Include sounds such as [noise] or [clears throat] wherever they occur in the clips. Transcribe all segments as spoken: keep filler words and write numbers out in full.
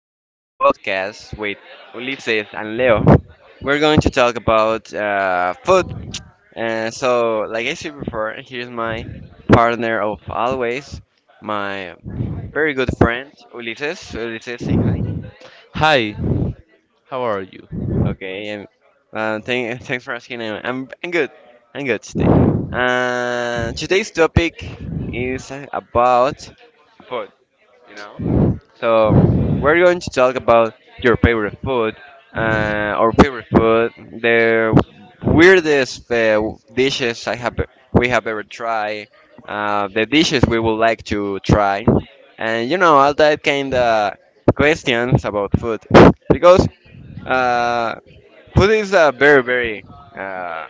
in podcast with Ulises and Leo, we're going to talk about uh, food. Uh, so, like I said before, here's my partner of always, my very good friend Ulises. Ulises, say hi. Hi, how are you? Okay, and uh, thank, thanks for asking. I'm, I'm I'm good. I'm good today. Uh, today's topic is about food. You know. So we're going to talk about your favorite food, uh, our favorite food, the weirdest uh, dishes I have we have ever tried, uh, the dishes we would like to try, and you know all that kind of questions about food because uh, food is a very very uh,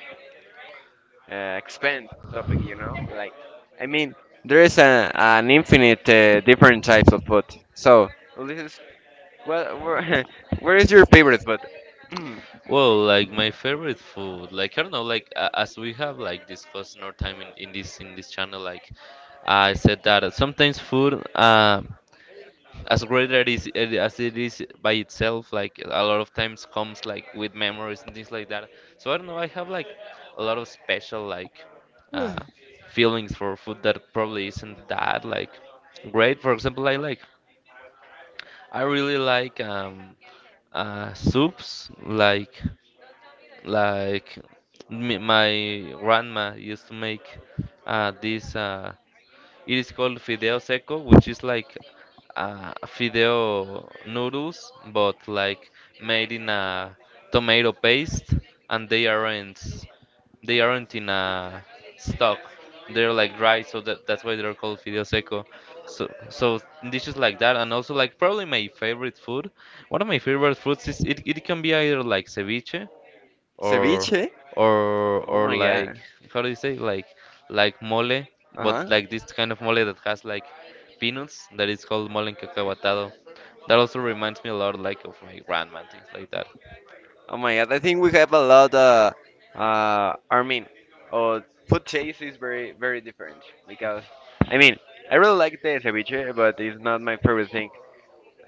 uh, expensive topic, you know. Like I mean, there is a, an infinite uh, different types of food, so. Well, This well, where, [laughs] where is your favorite. But [clears throat] Well, like my favorite food, like I don't know, like uh, as we have like discussed in our time in, in this in this channel, like I said that uh, sometimes food, uh, as great that is it- as it is by itself, like a lot of times comes like with memories and things like that. So I don't know, I have like a lot of special like uh, feelings for food that probably isn't that like great. For example, I like I really like um, uh, soups, like like m my grandma used to make uh, this uh, it is called fideo seco, which is like uh, fideo noodles, but like made in a tomato paste, and they aren't they aren't in a stock. They're like dry, so that that's why they're called fideo seco. So so dishes like that, and also like probably my favorite food. One of my favorite foods is it, it can be either like ceviche or Ceviche? or Oh or my like god. how do you say like like mole, Uh but huh. like this kind of mole that has like peanuts that is called mole en cacahuatado. That also reminds me a lot like of my grandma and things like that. Oh my god, I think we have a lot. Uh, uh, I mean, uh, food taste is very, very different because I mean, I really like the ceviche, but it's not my favorite thing.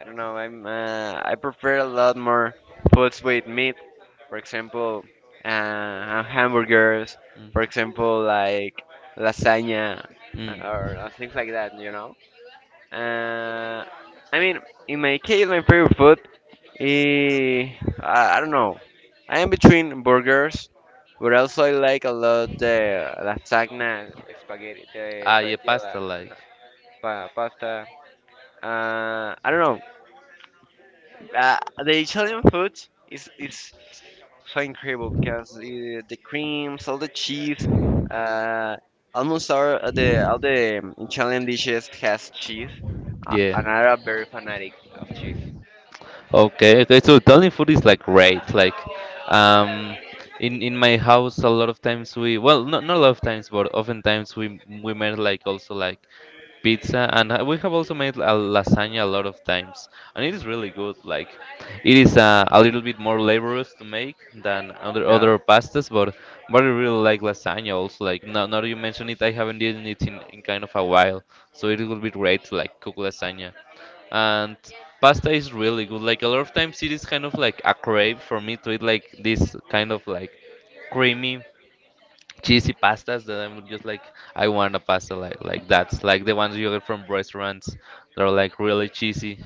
I don't know. I'm uh, I prefer a lot more foods with meat. For example, uh, hamburgers. Mm. For example, like lasagna uh, Mm. or, or things like that. You know. Uh, I mean, in my case, my favorite food is, I, I don't know. I am between burgers, but also I like a lot the lasagna, spaghetti, the Ah, yeah, spaghetti, alla- pasta like. pa- pasta. Uh, I don't know. Uh, the Italian food is is so incredible because uh, the creams, all the cheese, uh, almost all of the all the um, Italian dishes has cheese, uh, Yeah. and I'm very fanatic of cheese. Okay, okay. So Italian food is like great. Like, um, in in my house, a lot of times we well, not not a lot of times, but oftentimes we we made like also like pizza and uh, we have also made a lasagna a lot of times and it is really good like it is uh, a little bit more laborious to make than other Yeah. other pastas but but I really like lasagna also like now, now that you mention it I haven't eaten it in, in kind of a while so it would be great to like cook lasagna and pasta is really good like a lot of times it is kind of like a crave for me to eat like this kind of like creamy cheesy pastas that I'm just like I want a pasta like like that. Like the ones you get from restaurants that are like really cheesy,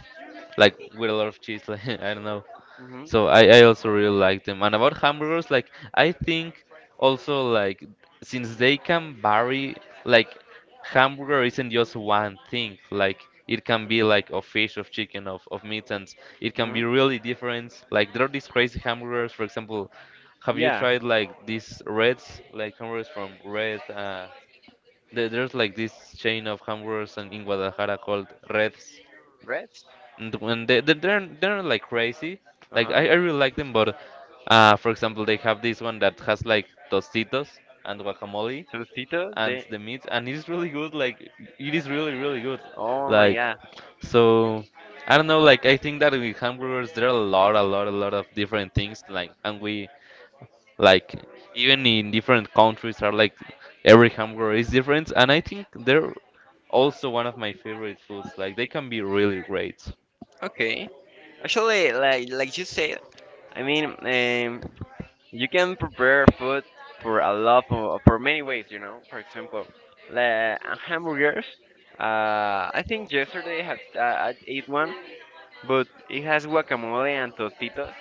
like with a lot of cheese. Like [laughs] I don't know. Mhm. So I, I also really like them. And about hamburgers, like I think also like since they can vary, like hamburger isn't just one thing. Like it can be like of fish, of chicken, of, of meat, and it can be Mhm. really different. Like there are these crazy hamburgers. For example, have you Yeah. tried like these Reds, like hamburgers from Red? Uh, there- there's like this chain of hamburgers in in Guadalajara called Reds Breads. and when they they- they're they're not, like crazy. Uh Like I, huh. I really like them, but uh, for example, they have this one that has like tostitos and guacamole Tostitos. and The. the meat, and it's really good. Like it is really really good. Oh my Like god. so, I don't know. Like I think that with hamburgers there are a lot a lot a lot of different things. Like and we like even in different countries are like every hamburger is different, and I think they're also one of my favorite foods. Like they can be really great. Okay. Actually, like like you said, I mean, um, You can prepare food for a lot of, for many ways, you know. For example, la hamburgers. Uh, I think yesterday I have uh, I ate one, but it has guacamole and tostitos.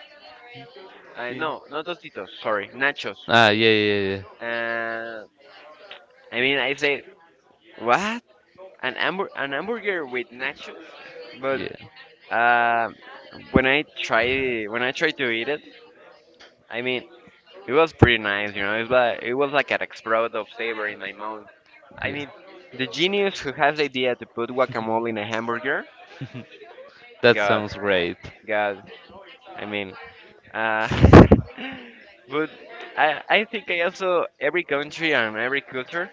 I Yeah. No, not tostitos. Sorry, nachos. Ah, yeah, yeah, Uh, I mean, I say what an hamburger an hamburger with nachos, but yeah, uh, when I try when I tried to eat it, I mean, it was pretty nice, you know. It like it was like an explode of flavor in my mouth. yeah. I yeah. mean, the genius who has the idea to put guacamole in a hamburger, [laughs] That God, sounds great. God. I mean, uh, [laughs] but I, I think I also every country and every culture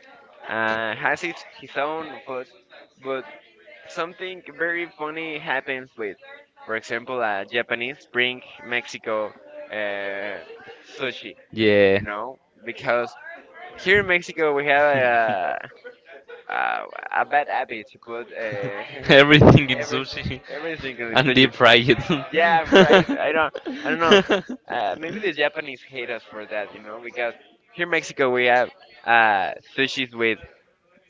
uh, has its his own food, but something very funny happens with, for example, uh, Japanese bring Mexico uh, sushi, Yeah. you know, because here in Mexico we have a [laughs] a, a bad habit to put. Uh, Everything in [laughs] everything, sushi. [laughs] everything [laughs] is And such a deep fry it. [laughs] [laughs] yeah, right. I don't, I don't know. [laughs] Uh, maybe the Japanese hate us for that, you know, because here in Mexico we have uh, sushis with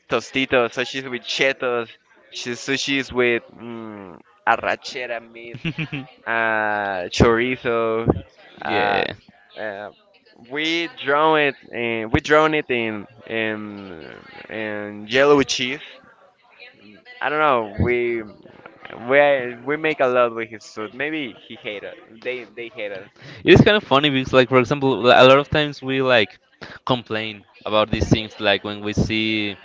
tostitos, sushis with chetos, shi- sushis with mm, arrachera meat, uh, chorizo. Uh, Yeah. uh, we draw it, in, we drawn it in in in yellow cheese. I don't know. We we we make a lot with his food. Maybe he hate us. They they hate us. It is kind of funny because, like, for example, li- a lot of times we like complain about these things, like when we see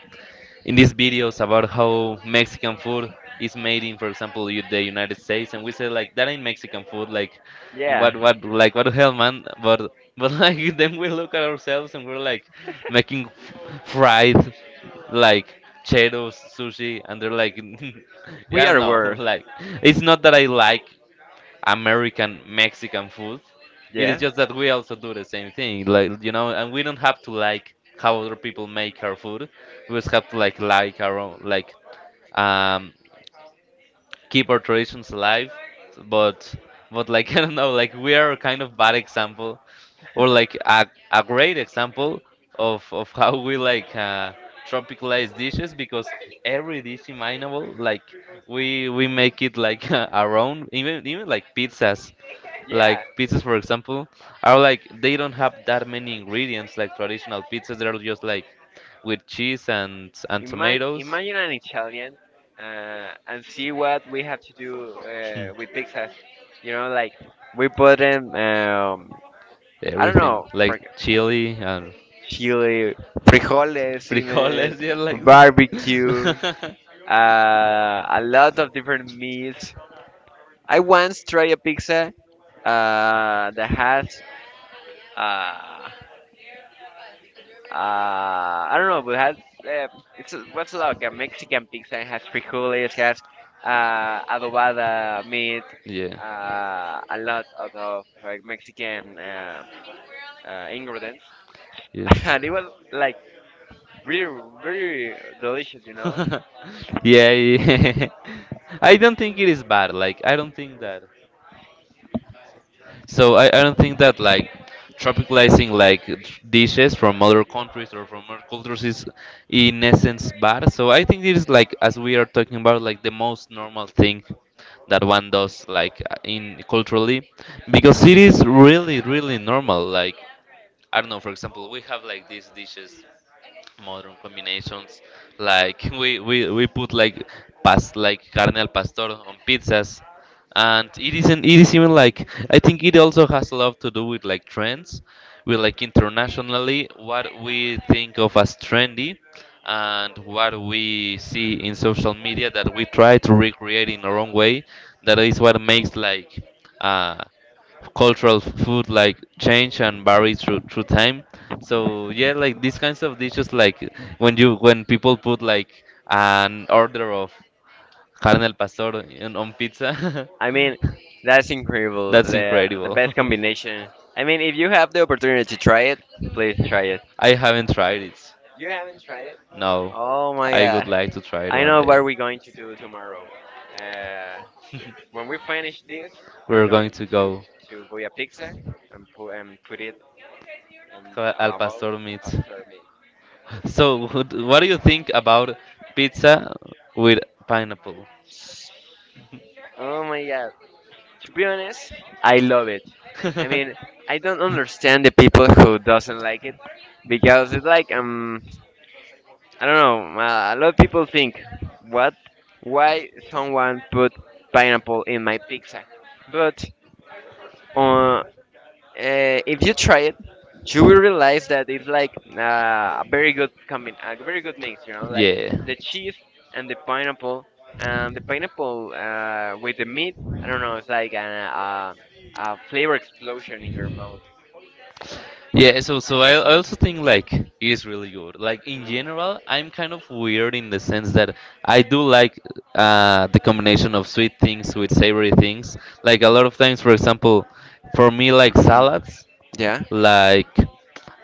in these videos about how Mexican food is made in, for example, u- the United States, and we say like that ain't Mexican food, like Yeah, what what like what the hell, man? But but [laughs] like then we look at ourselves and we're like making f- fried like cheetos, sushi, and they're like, [laughs] yeah, we I don't are know, [laughs] worse. like it's not that I like American Mexican food. It is Yeah. just that we also do the same thing, like you know, and we don't have to like how other people make our food. We just have to like like our own, like um, keep our traditions alive but but like [laughs] I don't know like we are a kind of bad example or like a, a great example of of [laughs] how we like uh, tropicalize dishes because every dish imaginable like we we make it like [laughs] our own even even like pizzas Yeah. like pizzas for example are like they don't have that many ingredients like traditional pizzas they're just like with cheese and and Imagine tomatoes imagine an Italian uh, and see what we have to do uh, with pizzas. You know, like we put them. Um, I don't everything know, like fr- chili and chili, frijoles, even frijoles, [laughs] yeah, like barbecue, that. [laughs] uh, a lot of different meats. I once tried a pizza uh, that has uh, uh, I don't know, but it has uh, it's what's like a Mexican pizza. It has frijoles, has uh, adobada meat, Yeah, uh, a lot of of, like Mexican uh, uh, ingredients, yes. [laughs] and it was like really very delicious. You know, [laughs] yeah, yeah. [laughs] I don't think it is bad. Like I don't think that. So I, I don't think that like tropicalizing like dishes from other countries or from other cultures is in essence bad. So I think it is like as we are talking about like the most normal thing that one does like in culturally because it is really really normal like I don't know for example we have like these dishes modern combinations like [laughs] we, we, we put like past like carne al pastor on pizzas and it isn't it is even like I think it also has a lot to do with like trends with like internationally what we think of as trendy and what we see in social media that we try to recreate in our own way that is what makes like uh, cultural food like change and vary through, through time so yeah, like these kinds of dishes, like when you when people put like an order of carne al pastor in, on pizza, I mean that's [laughs] incredible. that's The the incredible. best combination. I mean, if you have the opportunity to try it, please try it. I haven't tried it. You haven't tried it? No, Oh my I would god. like to try it I one. know what we're going to do tomorrow. Uh, [laughs] when we finish this, we're We're going going to go to buy a pizza and put, and put it in ca- a al lava pastor meat. faster meat. So who d- what do you think about pizza with pineapple? Oh my god. To be honest, I love it. I mean, I don't understand the people who doesn't like it [laughs] because it's like um I don't know, uh, a lot of people think what why someone put pineapple in my pizza. But uh, Uh, if you try it, you will realize that it's like uh, a very good combi- I. a very good mix. You know, like Yeah. the cheese and the pineapple, and the pineapple uh, with the meat. I don't know. It's like an, uh, a flavor explosion in your mouth. Yeah, so so I I also think like it is really good. Like in general, I'm kind of weird in the sense that I do like uh, the combination of sweet things with savory things. Like a lot of times, for example, for me like Mhm. salads. [clears throat] Yeah. Like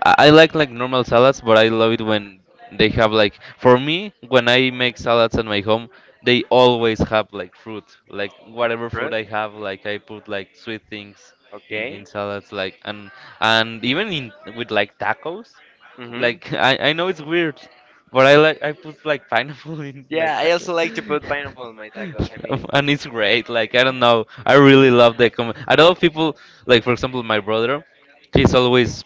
I I like like normal salads, but I love it when they have like for me when I make salads at my home, they always have like fruit, like whatever Fruit? fruit I have, like I put like sweet things in, Okay. in salads like and and even in with like tacos. hmm Like [laughs] I, I know it's weird, but I like I put like pineapple [laughs] in Yeah, like I tacos. also like to put pineapple in my tacos. I mean, [laughs] And it's great. Like I don't know. I really love the com- I know people like for example my brother, he's always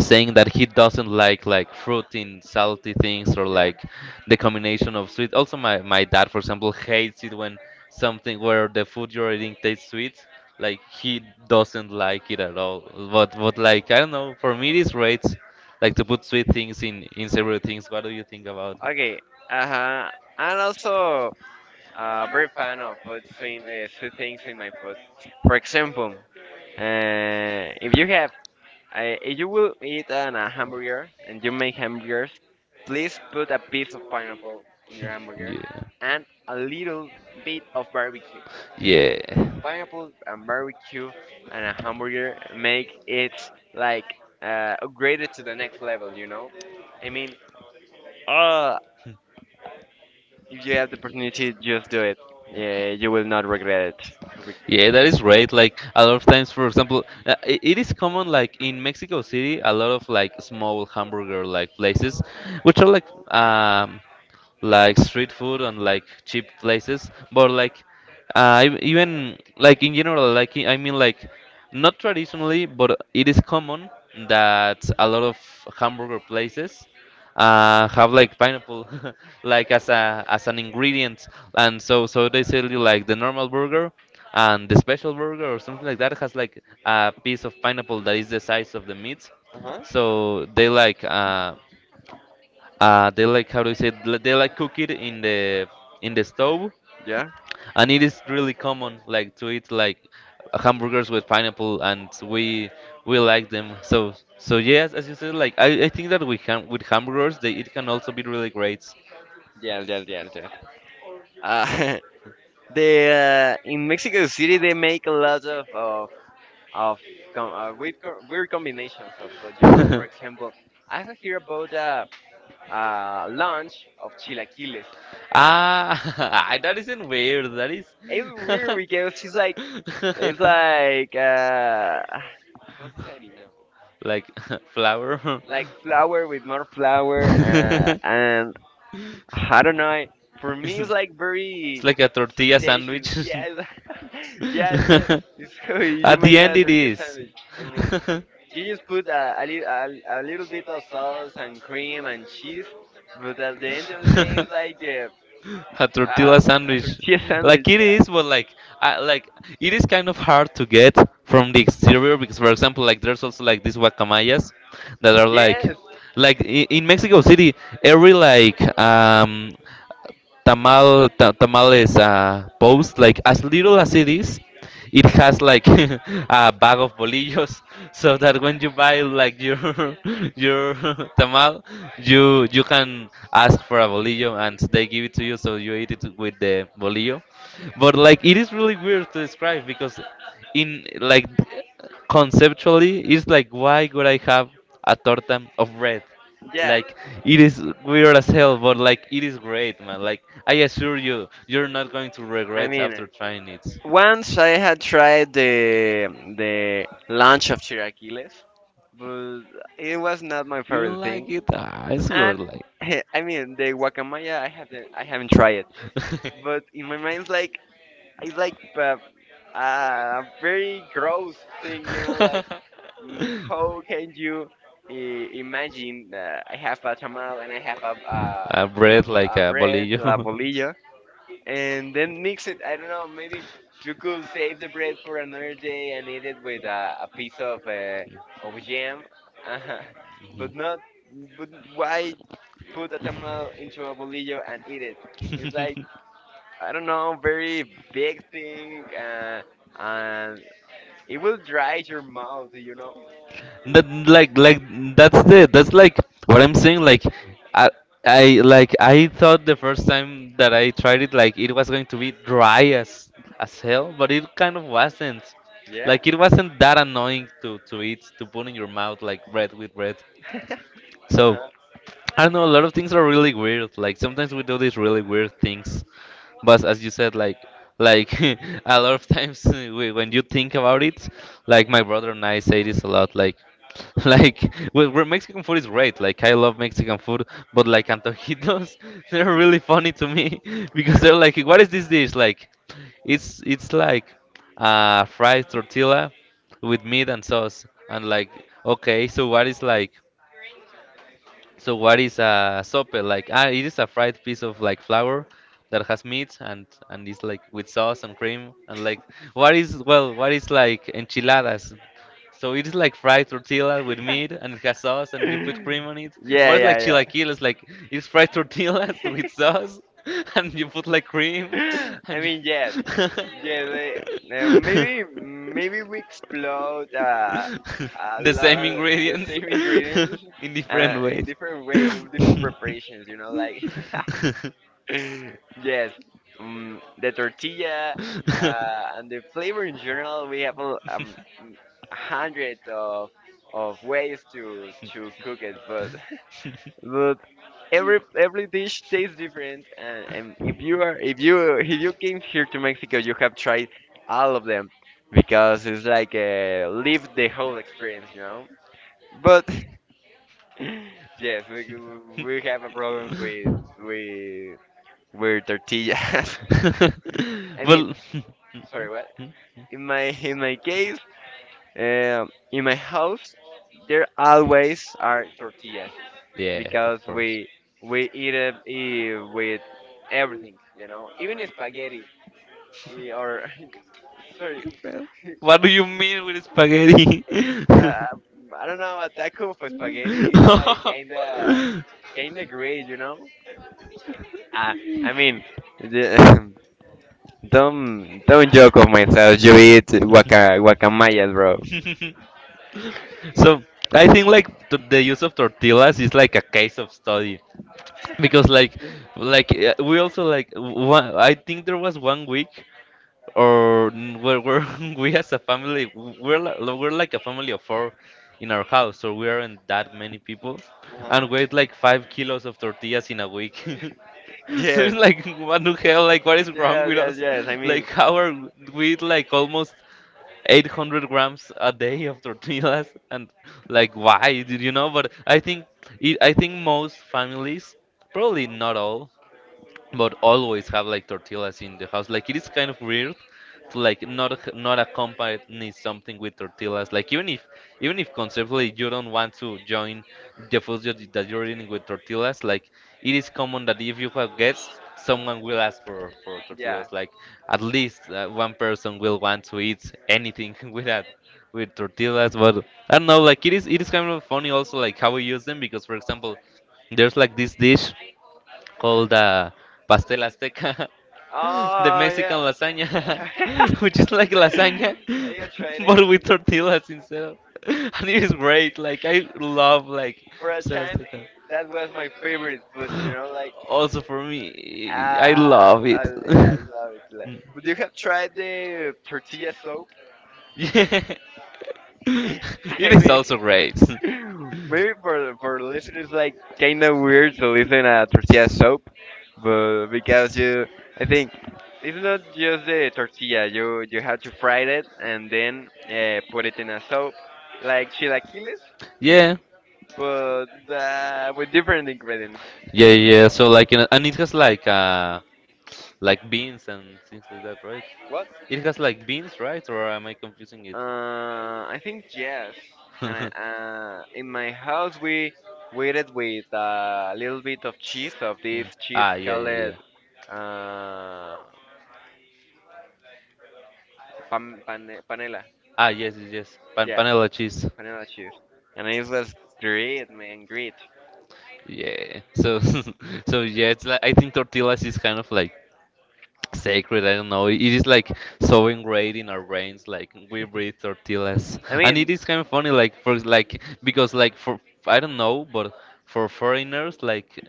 saying that he doesn't like like fruity and salty things or yeah. like the combination of sweet also my my dad for example hates it when something where the food you're eating tastes sweet like he doesn't like it at all but but like I don't know for me it's great like to put sweet things in in several things what do you think about Okay. Uh huh. And also, a very fan of putting uh, two things in my food. For example, uh, if you have, uh, if you will eat an, a hamburger and you make hamburgers, please put a piece of pineapple in your [laughs] hamburger yeah and a little bit of barbecue. yeah. Pineapple and barbecue and a hamburger make it like uh, upgraded to the next level. You know. I mean, oh, if you have the opportunity, just do it. Yeah, you will not regret it. Re- Yeah, that is right. Like a lot of times, for example, uh, I it is common like in Mexico City, a lot of like small hamburger like places, which are like um, like street food and like cheap places, but like uh, ev- even like in general, like I mean like not traditionally, but it is common that a lot of hamburger places uh, have like pineapple [laughs] like as a as an ingredient, and so so they sell you like the normal burger and the special burger or something like that has like a piece of pineapple that is the size of the meat. Uh-huh. So they like uh, uh, they like how do you say? It? Li- They like cook it in the in the stove, Yeah? and it is really common like to eat like hamburgers with pineapple, and we we like them. So so yes, as you said, like I, I think that with ham with hamburgers, they it can also be really great. Yes, yes, yes, yes. Uh, [laughs] the, uh, in Mexico City, they make a lot of, of, of com- uh, weird, co- weird combinations of food, you know, for example, [laughs] I have heard about a uh, uh, lunch of chilaquiles. Ah, [laughs] that isn't weird. That is. It's weird because it's like, it's [laughs] like, uh, [sighs] ¿cómo se dice harina? [laughs] Like [laughs] flour. [laughs] Like flour with more flour uh, and I don't know. For me, it's like It's very like a tortilla substantial. sandwich. Yeah, it's, [laughs] [laughs] yeah. It's like it's cool. You you At make the end, a it tortilla is. sandwich. I mean, you just [laughs] put a a, li- a, a little bit of sauce and cream and cheese, but at the end of the [laughs] day, it's like a, A a, tortilla a sandwich tortilla tortilla. [laughs] Like sandwich. sandwich. It Yeah. is but like I, like it is kind of hard to get from the exterior because for example like there's also like these guacamayas that are like Yes. like i- in Mexico City every like um tamal ta- tamales uh, post like as little as it is, it has like [laughs] a bag of bolillos [laughs] so that when you buy like your [laughs] your [laughs] tamal, you you can ask for a bolillo and they give it to you so you eat it with the bolillo. But like it is really weird to describe because in like conceptually it's like why would I have a torta of bread, Yeah. like it is weird as hell, but like it is great, man. Like I assure you, you're not going to I regret after mean, trying it. once I had tried the the lunch of chilaquiles, but it was not my You don't favorite thing. like it? Ah, it's good. And Like. [laughs] I mean the guacamaya, I haven't I haven't tried it, [laughs] but in my mind it's like it's like uh, a very gross thing, you know, like mm, [laughs] how can you I- imagine uh, I have a tamal and I have a a, A a, bread bo- like a a bread, la bolillo. [laughs] bolilla, and then mix it. I don't know, maybe you could save the bread for another day and eat it with a, a piece of uh, of jam, [laughs] but not. But why put a tamal into a bolillo and eat it. It's like Mhm. [laughs] I don't know, very big thing, uh, and it will dry your mouth, you know. that like like that's the that's like what I'm saying, like I I like I thought the first time that I tried it like it was going to be dry as as hell, but it kind of wasn't. Yeah. Like it wasn't that annoying to to eat to put in your mouth like bread with bread. So Uh-huh. I don't know, a lot of things are really weird, like sometimes we do these really weird things, but as you said, like like [laughs] a lot of times [laughs] uh, whe- when you think about it, like my brother and I say this a lot, like [laughs] like well, where Mexican food is great. Like I love Mexican food, but like antojitos, [laughs] they're really funny to me [laughs] because they're like, what is this dish? Like it's it's like uh, fried tortilla with meat and sauce, and like okay, so what is like? So what is a sope? Like ah, it is a fried piece of like flour that has meat and and is like with sauce and cream, and like what is, well, what is like enchiladas? So it is like fried tortilla with meat and it has sauce and you put cream on it. [laughs] Yeah, What is like yeah, chilaquiles? Like it's fried tortillas [laughs] with sauce [laughs] and you put like cream yeah. [laughs] [laughs] I and mean, yes, yes. I, uh, maybe, you. maybe we explode uh, [laughs] [laughs] a The same lot the ingredients same ingredients. [laughs] in uh, different In ways. [laughs] different [laughs] way, in different Well, [laughs] preparations. You know, like [laughs] yes, um, the tortilla uh, and the flavor in general. We have a um, hundreds of of ways to to cook it, but [laughs] but every every dish tastes different. And, and if you are if you if you came here to Mexico, you have tried all of them because it's like uh, live the whole experience, you know. But [laughs] [laughs] yes, we we have a problem with with with tortillas. [laughs] I mean, sorry, what? In my in my case, um, in my house, there always are tortillas yeah. because we we eat it eh, with everything, you know, even spaghetti eh, or [laughs] sorry, What do you mean with spaghetti? uh, I don't know, a taco for spaghetti is [laughs] [laughs] like kinda kinda great, you know. Ah, I mean, the, [laughs] Don't don't joke of myself. You eat guaca guacamayas, bro. No, [laughs] so I think like t- the use of tortillas is like a case of study because like like uh, we also like one, I think there was one week or n- we're, we're [laughs] we as a family we're li- we're like a family of four in our house, so we aren't that many people, and Uh-huh. weighed like [laughs] five kilos of tortillas in a week [laughs] so it's Yes. like what the hell, like what is wrong Yes, with yes, us, yes. I like mean, how are we, eat like almost eight hundred grams a day of tortillas. And like why, did you know, but I think, it, I think most families, probably not all, but always have like tortillas in the house. Like it is kind of weird to like not ac- not accompany something with tortillas. Like even if, even if conceptually you don't want to join the food that you- that you're eating with tortillas, like it is common that if you have guests, someone will ask for for yeah. tortillas. Like at least uh, one person will want to eat anything [laughs] with that with tortillas. But I don't know. Like it is it is kind of funny also like how we use them, because for example, there's like this dish called uh, pastel azteca, [laughs] the Oh, Mexican yeah. [laughs] I lasagna, got [laughs] which is like lasagna tried [laughs] it [laughs] but with tortillas instead of. [laughs] And it is great. Like I love like for a pastel time. azteca. That was my favorite food. You [laughs] know, like Also for me, I ah, love it. oh, yeah, [laughs] I love it. Like, would you have tried the tortilla soup? Yeah. [laughs] I It is also great. [laughs] mean, [laughs] maybe for for listeners, like kind of weird to listen a tortilla soap, but because you, I think it's not just the tortilla. You you have to fry it and then uh, put it in a soap, like chilaquiles, Yeah, but uh, with different ingredients. yeah, yeah. So like, you know, and it has like uh, like beans and things like that, right? What? It has like beans, right? Or am I confusing it? Uh, I think yes. And [laughs] uh, in my house we we eat with a little bit of cheese of this cheese Ah, yeah, called yeah, uh yeah. pan, pane- panela. Ah, yes, yes, yes. Pan Yeah, Panela cheese. panela cheese. And it was great, man, great. Yeah. So, [laughs] so yeah, it's like I think tortillas is kind of like sacred. I don't know. It is like so ingrained in our brains. Like we breathe tortillas, I and it mean, is kind of funny. Like for like because like for I don't know, but for foreigners, like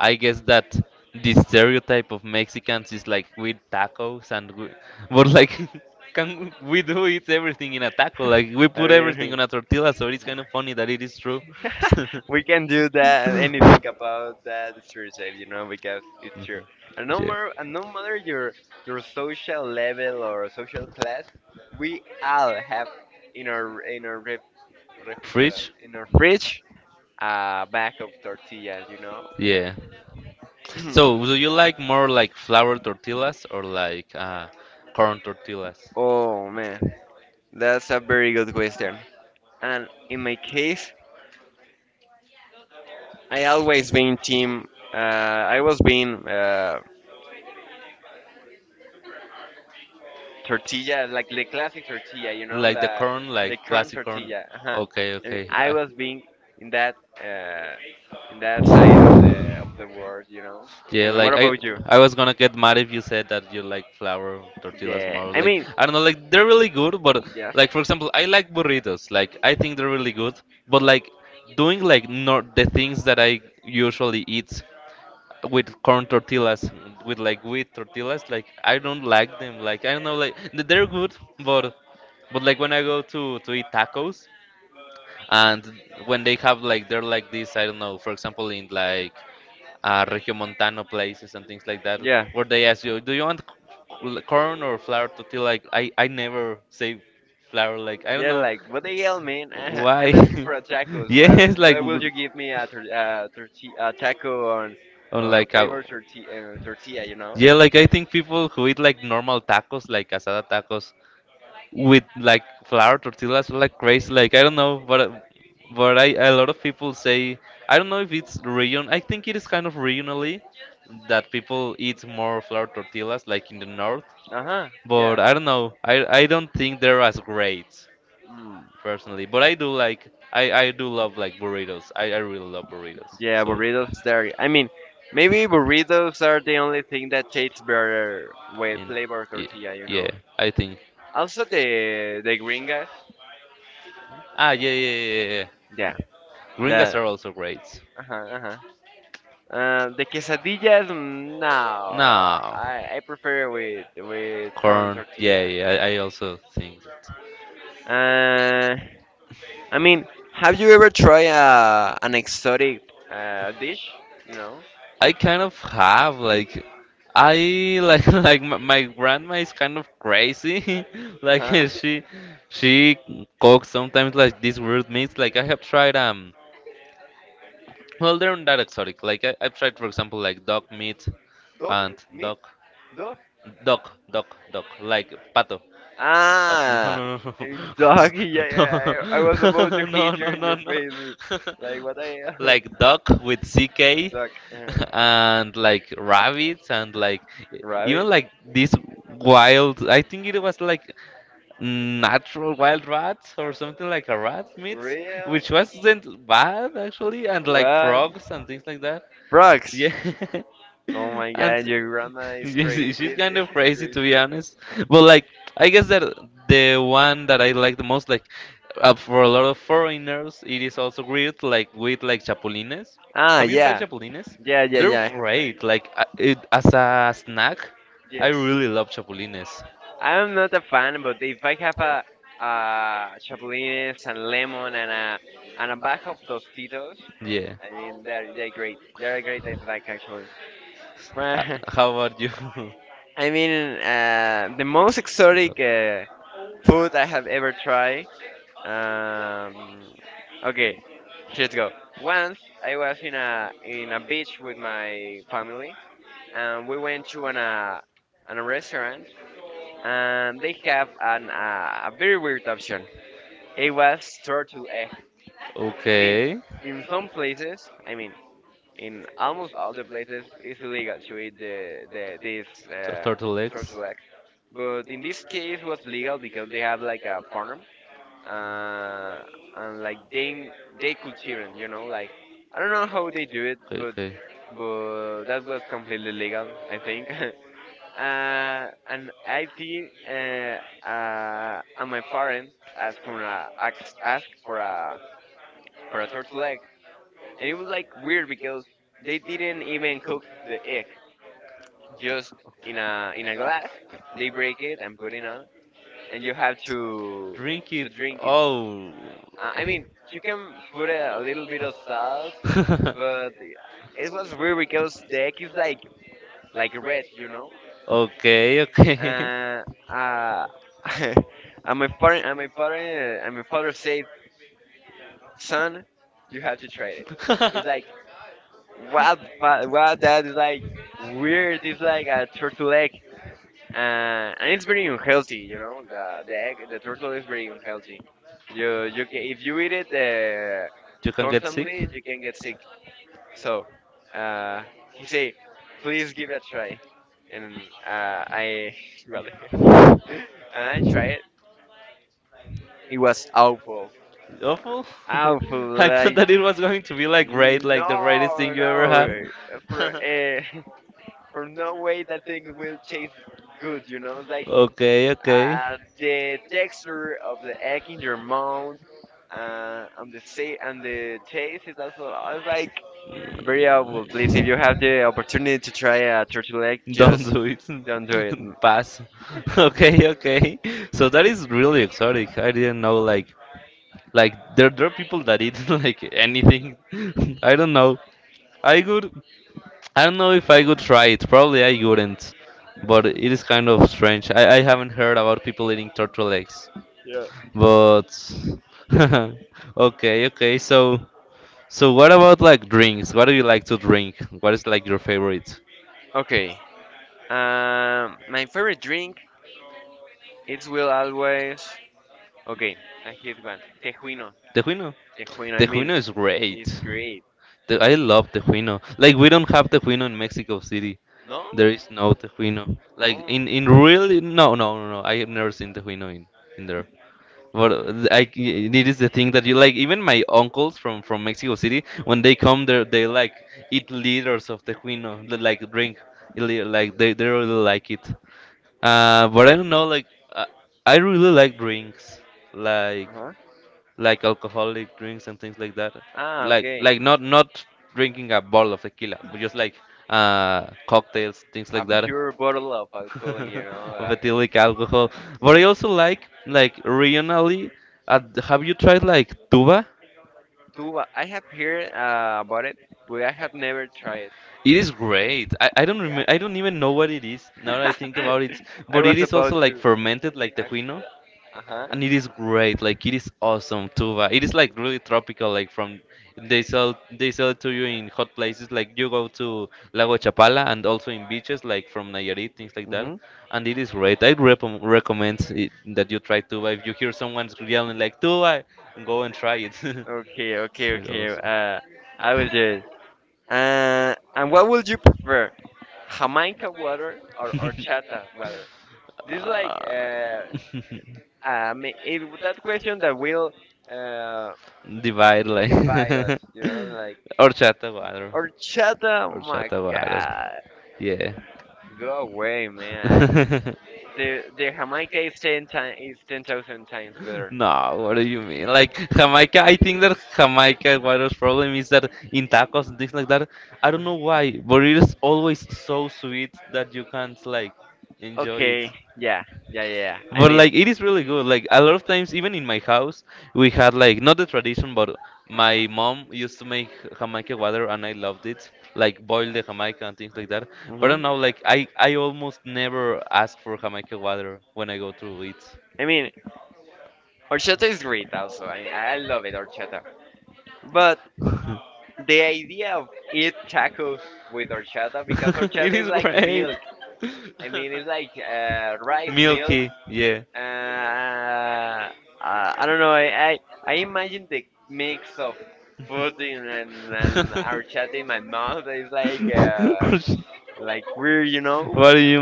I guess that the stereotype of Mexicans is like with tacos and we, but like. [laughs] Can we do eat everything in a taco? Like we [laughs] I put everything mean, on a tortilla, so it's kind of funny that it is true. [laughs] we can do that and anything about that it's really safe, you know, because it's true. And no matter and no matter your your social level or social class, we all have in our in our ref, refrigerator in our fridge a bag of You know. tortillas, you know. Yeah. So, [clears throat] do you like more like flour tortillas or like uh, corn tortillas? Oh man, that's a very good question. And in my case, I always been team. Uh, I was being uh, tortilla, like the classic tortilla, you know, the the corn tortilla. Uh-huh. I mean, Okay. I was being in that uh, in that side of the of the world, you know. Yeah, And what like I, about you? I was gonna get mad if you said that you like flour tortillas Yeah, more. I Like mean, I don't know, like they're really good, but yes, like for example, I like burritos. Like I think they're really good, but like doing like not the things that I usually eat with corn tortillas, with like wheat tortillas, like I don't like them. Like I don't know, like th- they're good, but but like when I go to to eat tacos and when they have like they're like this, I don't know, for example in like uh, regiomontano places and things like that, yeah, where they ask you, do you want c- corn or flour tortilla, like i i never say flour, like I don't yeah. know Like what the hell, man? Uh, why. I'm asking for a [laughs] tacos. Well, Yes, like what will you give me a tor- uh, torti- a taco on on like a flavored torti- uh, tortilla? You know? yeah, like I think people who eat like normal tacos like asada tacos with like flour tortillas, like crazy. Like I don't know, but but I, a lot of people say I don't know if it's region. I think it is kind of regionally that people eat more flour tortillas, like in the north. Uh huh. Yeah. But I don't know. I I don't think they're as great Mm. personally. But I do like I I do love like burritos. I I really love burritos. Yeah, burritos there. I mean, maybe burritos are the only thing that tastes better with And flavored yeah, tortilla, you yeah, know. I think. Also the the gringas. Ah, yeah, yeah, yeah, yeah, yeah. Yeah, Gringas the are also great. uh-huh, uh-huh. Uh, the quesadillas. Mm, no, No. I, I prefer with with corn Corn. Yeah, tortilla. yeah, I, I also think that. Uh, I mean, have you ever tried uh, an exotic uh, dish? You know. I kind of have, like I like [laughs] like my, my grandma is kind of crazy. [laughs] Like Uh-huh. she she cooks sometimes like these weird meats. Like I have tried um well, they're not that exotic. Like I, I've tried for example like duck meat [laughs] Dog and meat. duck duck duck duck like pato. [laughs] No, no, Ah, no, no. hey, doggy. Yeah, yeah. I, I was about [laughs] No, [laughs] to no, hit you no, in no, your no. face. Like [laughs] what I [laughs] Like duck with a C K duck, uh, [laughs] and like rabbits and like e- rabbit, even like this wild, I think it was like natural wild rats, or something like a rat meat, real. which wasn't bad actually, and like What? frogs and things like that. Frogs. Yeah. Oh [laughs] my And god, [laughs] your grandma is She's, crazy. she's This kind of is crazy, to be crazy. honest, but like I guess that the one that I like the most, like uh, for a lot of foreigners, it is also great, like with like chapulines. Ah, Have you tried yeah, chapulines? yeah, yeah, They're yeah. I have great. time. Like uh, it, as a snack, I Yes. really love chapulines. I am not a fan, but if I have a, a chapulines and lemon and a and a bag of Tostitos, Yeah. I mean they're they're great. They're a great attack actually. Uh, Fra- how about you? [laughs] [laughs] I mean uh, the most No. exotic uh, food I have ever tried. Um, okay, let's go. Once I was in a in a beach with my family, and we went to an uh, an a restaurant and they have an uh, a very weird option. It was turtle egg. I mean, Okay. in some places, I mean, in almost all the places, it's illegal to eat the, the this uh, turtle egg. But in this case, it was legal because they have like a farm, uh, and like they they cultivate, you know, like I don't know how they do it, but but that was completely legal, I think. [laughs] Uh, [laughs] and I think uh, uh, and my parents asked for a asked asked for a for a turtle egg, and it was like weird because they didn't even cook the egg, just in a in a glass. They break it and put it on, and you have to Drink. to drink it. Oh. Uh, Uh, I mean, you can put a, a little bit of salt, but it was weird because the egg is like like red, you know. [laughs] okay, okay. Uh, uh, [laughs] and my parent, and my parent, and my father said, "Son, you have to It's try it." It's like what, fa- what that is like weird. It's like a turtle egg, uh, and it's very unhealthy. You know, the the egg, the turtle is very unhealthy. You you can, if you eat it uh, [laughs] constantly, you can get sick. So, uh, he said, "Please give it a try." And uh, I [laughs] really, [laughs] and I try it. It was awful. good. [laughs] Awful. [laughs] Awful. Like, It was going to be like great. no, no. For, uh, [laughs] for no [laughs] way that thing will taste good, you know? [laughs] Like, Okay, okay. uh, the texture of the egg in your mouth. Uh, and the sa- and the taste is also I was like You're. very awful. Please, if you have the Mm, opportunity to try a turtle egg, don't just do it. [laughs] No. don't do it. Pass. [laughs] Okay, okay. So that is really exotic. I didn't know like like there there are people that eat [laughs] like anything. [laughs] I don't know. I could, I don't know if I could try it. Probably I wouldn't. But it is kind of strange. I, I haven't heard about people eating turtle eggs. Yeah. But [laughs] okay, okay. So, so what about like drinks? What do you like to drink? What is like your favorite? Okay. Um, my favorite drink it will always. Okay, and here's one. Tejuino. Tejuino. Tejuino, I mean, Tejuino is great. it's great. Te- I love Tejuino. Like we don't have Tejuino in Mexico City. No? There is no Tejuino. Like Oh. in in really no, no, no, no. I have never seen Tejuino in in there. But uh, th- I c- it is the thing that you like. Even my uncles from from Mexico City, when they come there, they like eat liters of Tejuino. Li- Like drink, li- like they they really like it. Uh, but I don't know. Like I, I really like drinks, like Uh-huh. like alcoholic drinks and things like that. Ah, Like okay. like not not drinking a bottle of tequila, but just like uh cocktails, things A like that. pure bottle of alcohol, you know. [laughs] Of Uh, ethylic alcohol. But I also like like regionally. Uh, have you tried like tuba? [laughs] tuba. I have heard uh, about it, but I have never tried it. It is great. I, I don't Yeah. remember. I don't even know what it is now that I think about it. [laughs] I But it was is about also like to. fermented, like tejuino, Uh huh. uh-huh, and it is great. Like it is awesome, tuba. It is like really tropical. Like from they sell they sell it to you in hot places. Like you go to Lago Chapala and also in beaches like from Nayarit, things like that. Mm-hmm. And it is great. I rep recommend it, that you try tuba. If you hear someone yelling like tuba, go and try it. [laughs] Okay, okay, Like okay. those. Uh, I will do it. Uh, and what would you prefer, Jamaica water or horchata water? This is like uh, Uh, uh, ma- it, that question that will uh, [laughs] divide like divide us. divides, [laughs] You know, like horchata water, horchata. Oh my horchata water. God, Yeah. go [laughs] away, man. I, the the Jamaica is ten times is ten thousand times better. No, what do you mean? Like Jamaica, I think that Jamaica water's problem is that in tacos and things like that, I don't know why, but it is always so sweet that you can't like enjoy it. Okay, yeah, yeah, yeah, yeah. I But mean. like it is really good. Like a lot of times, even in my house, we had like not the tradition, but my mom used to make Jamaica water, and I loved it. Like boil the Jamaica and things like that. But I Mhm. don't know. Like I, I almost never ask for Jamaica water when I go to it. I mean, horchata is great also. I mean, I love it, horchata. But [laughs] [laughs] the idea of eat tacos with horchata, because horchata is [laughs] great. [laughs] Milk. like milk. I mean, it's like uh, rice milk. Milky, yeah. Uh, uh, I don't know. I, I, I imagine the mix of food in, and, and [laughs] horchata in my mouth is like Uh, uh, [laughs] like weird, you know? what do you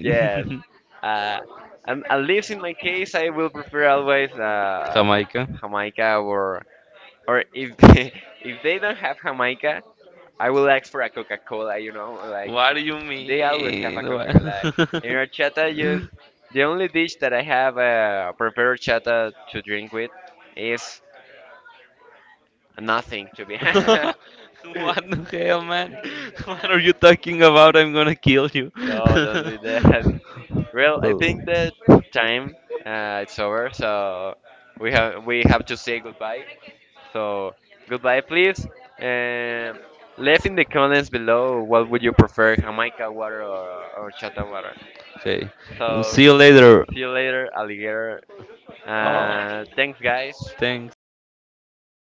Yes. Uh, and at least in my case, I will prefer always [laughs] uh, Jamaica? Jamaica or or if [laughs] they, if they don't have Jamaica, I will ask for a Coca Cola. You know, like What do you they always have a Coca Cola. In horchata, just mean? What? [laughs] the only dish that I have uh, prepared horchata to drink with is [laughs] nothing. To be [laughs] honest. [laughs] What the hell, man? [laughs] What are you talking about? I'm gonna kill you. [laughs] no, don't No, do that. Well, I well, think that time uh, it's over, so we have we have to say goodbye. So goodbye, please. Um, Leave in the comments below what would you prefer, Jamaica water or, or Chata water. okay. So See you later. see you later, alligator. Oh, Uh, thanks, guys. thanks.